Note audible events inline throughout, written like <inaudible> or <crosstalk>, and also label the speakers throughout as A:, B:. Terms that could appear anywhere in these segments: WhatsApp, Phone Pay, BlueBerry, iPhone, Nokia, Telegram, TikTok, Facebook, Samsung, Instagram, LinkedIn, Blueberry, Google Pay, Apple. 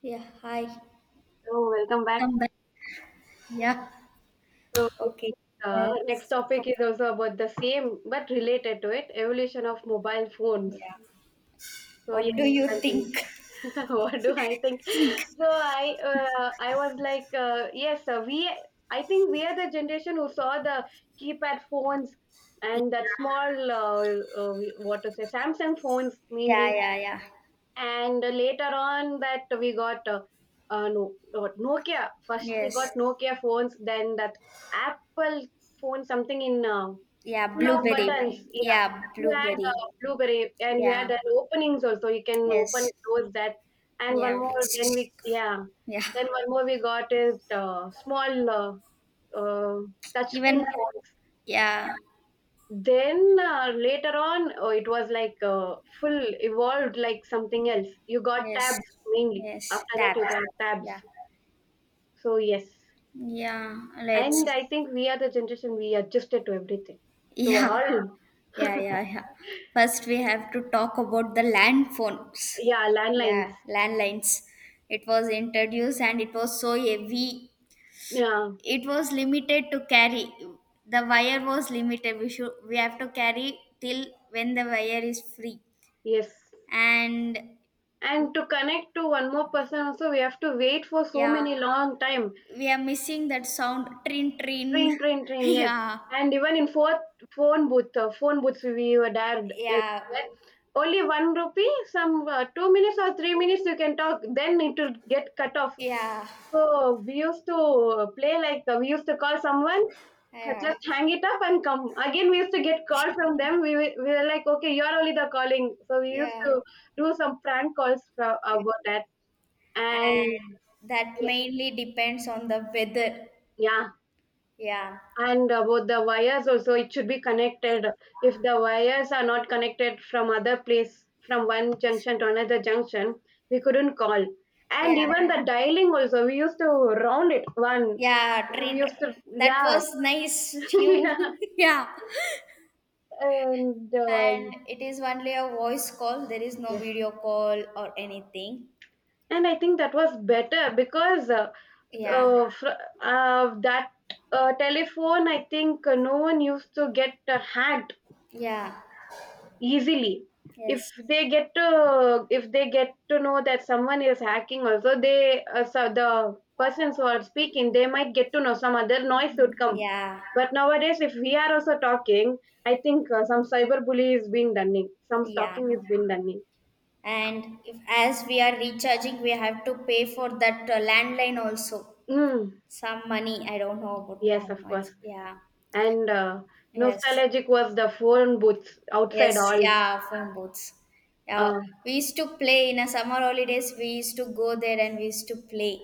A: Yeah, hi.
B: Welcome back.
A: Come back. Yeah,
B: So, I
A: okay.
B: think, uh, next
A: Let's
B: topic
A: talk.
B: is also about the same but related to it evolution of mobile phones.
A: Yeah.
B: So
A: What
B: yes,
A: do you
B: continue.
A: think?
B: <laughs> What do I think? So, I I was like, yes, we I think we are the generation who saw the keypad phones and that small what to say, Samsung phones mainly.
A: Yeah, yeah, yeah.
B: And later on that we got no, what, Nokia. First we
A: Yes.
B: got Nokia phones, then that Apple phone, something in
A: Yeah,
B: full of
A: blueberry.
B: buttons. Yeah,
A: Yeah,
B: you had
A: blueberry.
B: blueberry, and you
A: Yeah.
B: had that openings also. You can open
A: Yes.
B: close that, and one
A: Yeah.
B: more. Then we,
A: <tsk>
B: yeah,
A: Yeah.
B: then one more we got is small uh, touch screen
A: Even
B: phones.
A: yeah.
B: Then, later on, oh, it was like full evolved like something else. You got
A: Yes.
B: tabs mainly. After
A: Yes.
B: that, you
A: That.
B: got tabs.
A: Yeah.
B: So yes,
A: Yeah.
B: and
A: Let's.
B: I think we are the generation we adjusted to everything,
A: <laughs>
B: to
A: Yeah.
B: all.
A: Yeah, yeah, yeah. First, we have to talk about the land phones.
B: Yeah,
A: Yeah,
B: landlines.
A: landlines. It was introduced and it was so heavy.
B: Yeah,
A: It was limited to carry. The wire was limited. We have to carry till when the wire is free.
B: yes.
A: And
B: And to connect to one more person also, we have to wait for so
A: yeah,
B: many long time.
A: we are missing that sound. Trin trin.
B: Train, train,
A: <laughs>
B: train, yes.
A: Yeah,
B: And even in fourth phone booth, phone booths we were dared
A: yeah,
B: everywhere. Only one rupee, some 2 minutes or 3 minutes you can talk, then it will get cut off.
A: yeah,
B: So we used to play like we used to call someone,
A: yeah,
B: just hang it up and come. Again, we used to get call from them. We were like, okay, you're only the calling. So we used
A: yeah.
B: to do some prank calls for,
A: And
B: about that. And
A: that
B: yes,
A: mainly depends on the weather.
B: yeah.
A: Yeah,
B: And about the wires also, it should be connected. If the wires are not connected from other place, from one junction to another junction, we couldn't call. And
A: yeah,
B: even the dialing also, we used to round it one.
A: yeah.
B: We
A: Train,
B: used to,
A: that
B: yeah,
A: was
B: <laughs>
A: nice. You,
B: yeah.
A: <laughs> yeah.
B: And
A: And it is only a voice call. There is no
B: yes,
A: video call or anything.
B: and I think that was better because
A: Yeah,
B: uh, fr- that telephone, I think no one used to get hacked
A: yeah,
B: easily. if
A: yes,
B: they get to if they get to know that someone is hacking also, they so the persons who are speaking, they might get to know some other noise would come.
A: yeah,
B: But nowadays if we are also talking, I think some cyberbully is being done, some
A: yeah.
B: stalking is being done.
A: And if as we are recharging, we have to pay for that landline also.
B: Mm,
A: Some money. I don't know about
B: yes,
A: how
B: of
A: much.
B: course.
A: Yeah.
B: And
A: Yes.
B: Nostalgic was the phone booths outside
A: Yes,
B: all.
A: yeah, phone booths. Yeah,
B: Uh,
A: we used to play in a summer holidays. We used to go there and we used to play.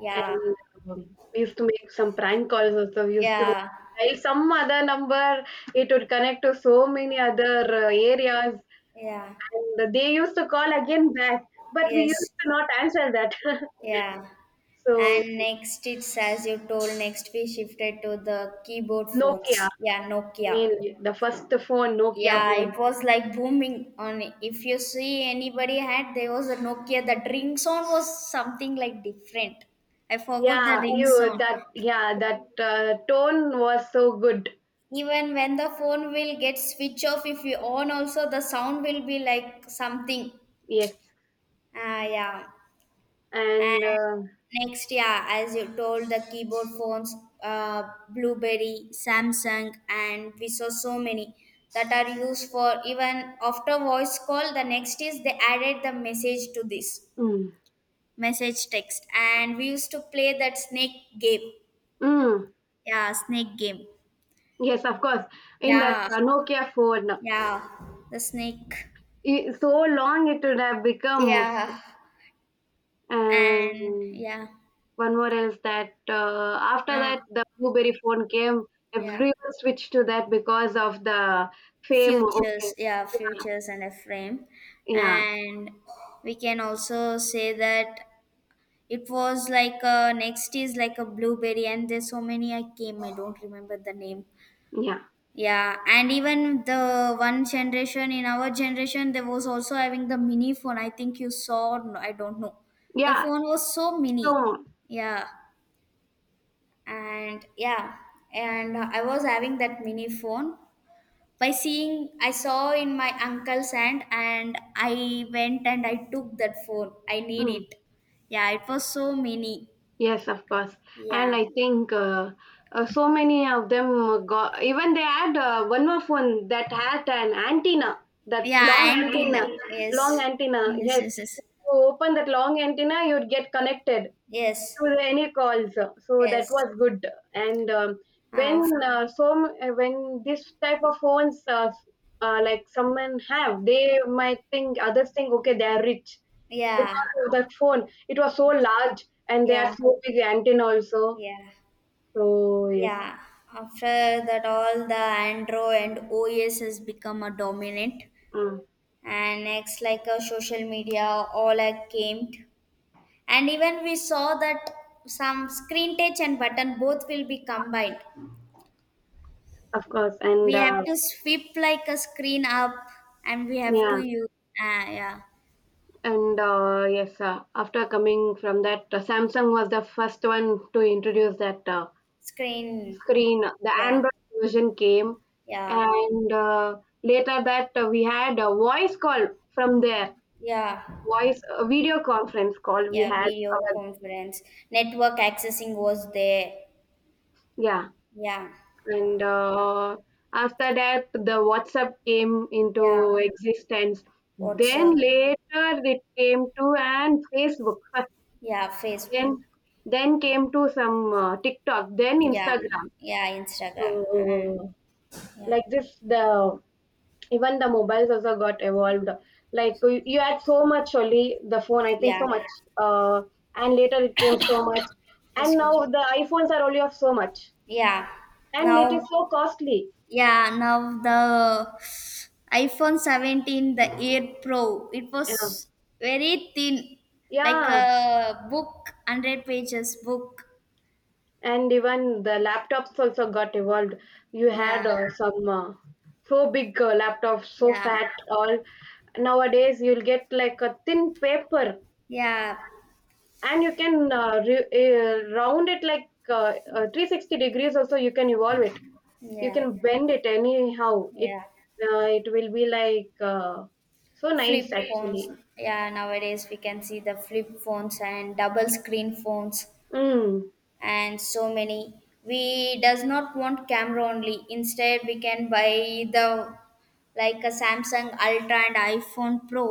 A: Yeah,
B: And um, we used to make some prank calls also. We used to
A: yeah,
B: dial some other number. It would connect to so many other areas.
A: yeah,
B: And they used to call again back, but we
A: yes,
B: used to not answer that. <laughs>
A: yeah.
B: So
A: And next, it's as you told, next we shifted to the keyboard
B: Nokia,
A: phones. Yeah, Nokia.
B: mainly the first phone, Nokia
A: Yeah,
B: phone.
A: it was like booming on. If you see anybody had, there was a Nokia. That ring sound was something like different. I forgot the
B: Yeah,
A: ring
B: you
A: sound.
B: that, yeah that tone was so good.
A: Even when the phone will get switch off if you on also the sound will be like something.
B: Yes,
A: Ah yeah.
B: and
A: And next yeah, as you told the keyboard phones, uh, BlueBerry, Samsung, and we saw so many that are used for even after voice call. The next is they added the message to this
B: mm,
A: message text, and we used to play that snake game.
B: mm,
A: Yeah, snake game.
B: yes, of course. In that
A: Yeah,
B: Nokia phone,
A: yeah, the snake.
B: I so long it would have become.
A: Yeah, and
B: And
A: yeah
B: one more else that after
A: uh,
B: that the blueberry phone came,
A: yeah
B: everyone switched to that because of the fame. Okay,
A: yeah futures and a frame,
B: yeah,
A: and we can also say that it was like next is like a blueberry and there's so many I came, I don't remember the name.
B: yeah,
A: Yeah, and even the one generation in our generation there was also having the mini phone. I think you saw or no, I don't know, the
B: yeah.
A: phone was so mini.
B: So
A: Yeah, and yeah, and I was having that mini phone. By seeing, I saw in my uncle's hand and I went and I took that phone. I need
B: mm,
A: it. Yeah, it was so mini.
B: yes, of course. And
A: Yeah,
B: I think so many of them got. Even they had one more phone that had an antenna, that long
A: yeah, antenna.
B: antenna, long
A: Yes,
B: antenna.
A: yes,
B: Yes,
A: yes, yes,
B: to open that long antenna, you'd get connected
A: yes,
B: to any calls. So that
A: yes.
B: was good. And
A: uh,
B: When when this type of phones like someone have, they might think, others think, okay they are rich because
A: yeah.
B: of that phone. It was so
A: Yes.
B: large and they are
A: Yeah,
B: so big antenna also.
A: yeah,
B: So yes,
A: yeah. After that all the Android and OS has become a dominant,
B: mm,
A: and next like a social media, all I came. And even we saw that some screen touch and button both will be combined.
B: of course. And
A: We have to sweep like a screen up and we have to
B: Yeah,
A: use. Yeah.
B: and yes, after coming from that, Samsung was the first one to introduce that,
A: Screen.
B: screen the
A: Yeah,
B: Android version came.
A: yeah,
B: And Later that, we had a voice call from there,
A: yeah,
B: voice a video conference call we
A: yeah
B: had
A: video
B: our,
A: conference. Network accessing was there.
B: yeah.
A: Yeah,
B: and After that the WhatsApp came into
A: yeah,
B: existence, then
A: WhatsApp.
B: later it came to and Facebook first,
A: Yeah,
B: then
A: Facebook.
B: then came to some TikTok, then
A: Yeah,
B: Instagram.
A: yeah, Instagram, and
B: So
A: yeah,
B: like this, the even the mobiles also got evolved. Like, you had so much only the phone I think,
A: yeah,
B: so much uh, and later it came so much, and now
A: excuse,
B: the iPhones are only of so much,
A: yeah,
B: and it is
A: now.
B: so costly.
A: Yeah, now the iPhone 17, the Air Pro, it
B: Yeah,
A: was very thin, like
B: yeah.
A: a book, 100 pages book.
B: And even the laptops also got evolved. You had
A: Yeah,
B: some so big laptops, so
A: yeah,
B: fat all. Nowadays you'll get like a thin paper,
A: yeah,
B: and you can round it like 360 degrees also, you can evolve it, you
A: yeah,
B: can bend it anyhow. it
A: yeah,
B: uh, it will be like so nice
A: flip
B: actually.
A: phones. Yeah, nowadays we can see the flip phones and double screen phones,
B: Mm,
A: and so many. We does not want camera only, instead we can buy the, like a Samsung Ultra and iPhone Pro.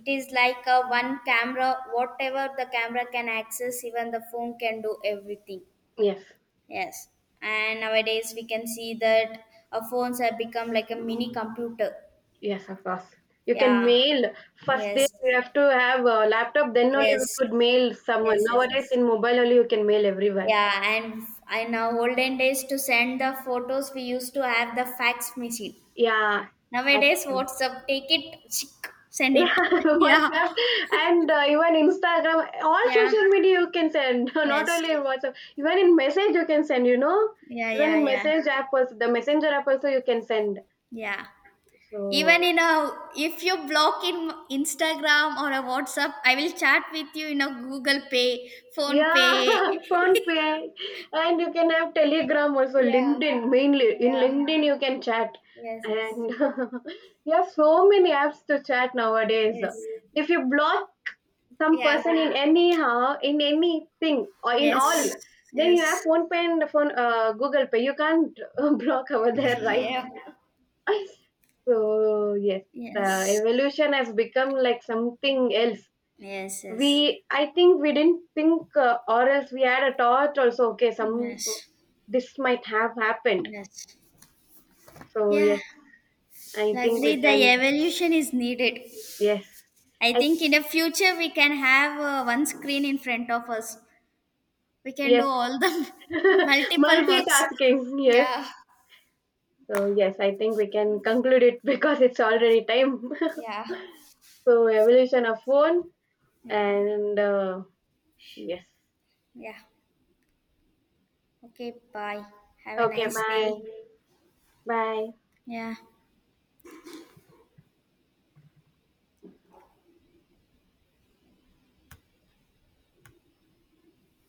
A: It is like a one camera, whatever the camera can access, even the phone can do everything.
B: yes,
A: Yes. And nowadays we can see that our phones have become like a mini computer.
B: yes, of course. You can
A: Yeah,
B: mail. First day
A: yes,
B: you have to have a laptop, then only we
A: yes,
B: could mail someone.
A: yes, yes, yes,
B: Nowadays
A: yes.
B: in mobile only you can mail everyone.
A: Yeah, and in our olden days to send the photos, we used to have the fax machine.
B: Yeah,
A: Nowadays,
B: actually.
A: WhatsApp, take it, chick, send
B: Yeah,
A: it. <laughs>
B: <laughs>
A: Yeah,
B: WhatsApp, and even Instagram, all
A: yeah,
B: social media you can send. <laughs> Not
A: yes,
B: only in WhatsApp, even in message you can send. You know,
A: yeah,
B: even
A: yeah,
B: in
A: yeah,
B: message app also, the messenger app also you can send.
A: yeah. Even
B: So
A: in a, if you block in Instagram or a WhatsApp, I will chat with you in a Google Pay, Phone
B: yeah, <laughs>
A: Pay. <laughs>
B: phone pay, and you can have Telegram also,
A: Yeah,
B: LinkedIn mainly. In
A: yeah,
B: LinkedIn you can chat,
A: yes, yes,
B: and <laughs> you have so many apps to chat nowadays.
A: yes,
B: If you block some
A: yeah,
B: person in anyhow, in anything or in
A: yes,
B: all, then you have
A: yes,
B: phone pay and phone Google Pay. You can't <laughs> block over there,
A: <laughs>
B: right?
A: yeah,
B: <laughs> So yes, the
A: yes.
B: evolution has become like something else.
A: Yes,
B: We,
A: yes,
B: I think we didn't think, or else we had a thought also, okay some,
A: yes,
B: this might have happened.
A: yes.
B: So
A: Yeah,
B: yes, I think we
A: luckily the
B: can,
A: evolution is needed.
B: yes.
A: I
B: I,
A: think in the future we can have one screen in front of us. We can do
B: yes.
A: all the <laughs>
B: <laughs>
A: multiple works.
B: Multitasking, yes.
A: Yeah,
B: So yes, I think we can conclude it <laughs> because it's already time.
A: yeah,
B: <laughs> So evolution of phone,
A: yeah,
B: and yes.
A: yeah. Okay, bye. Have a
B: Okay,
A: nice
B: bye.
A: day.
B: Bye.
A: Yeah.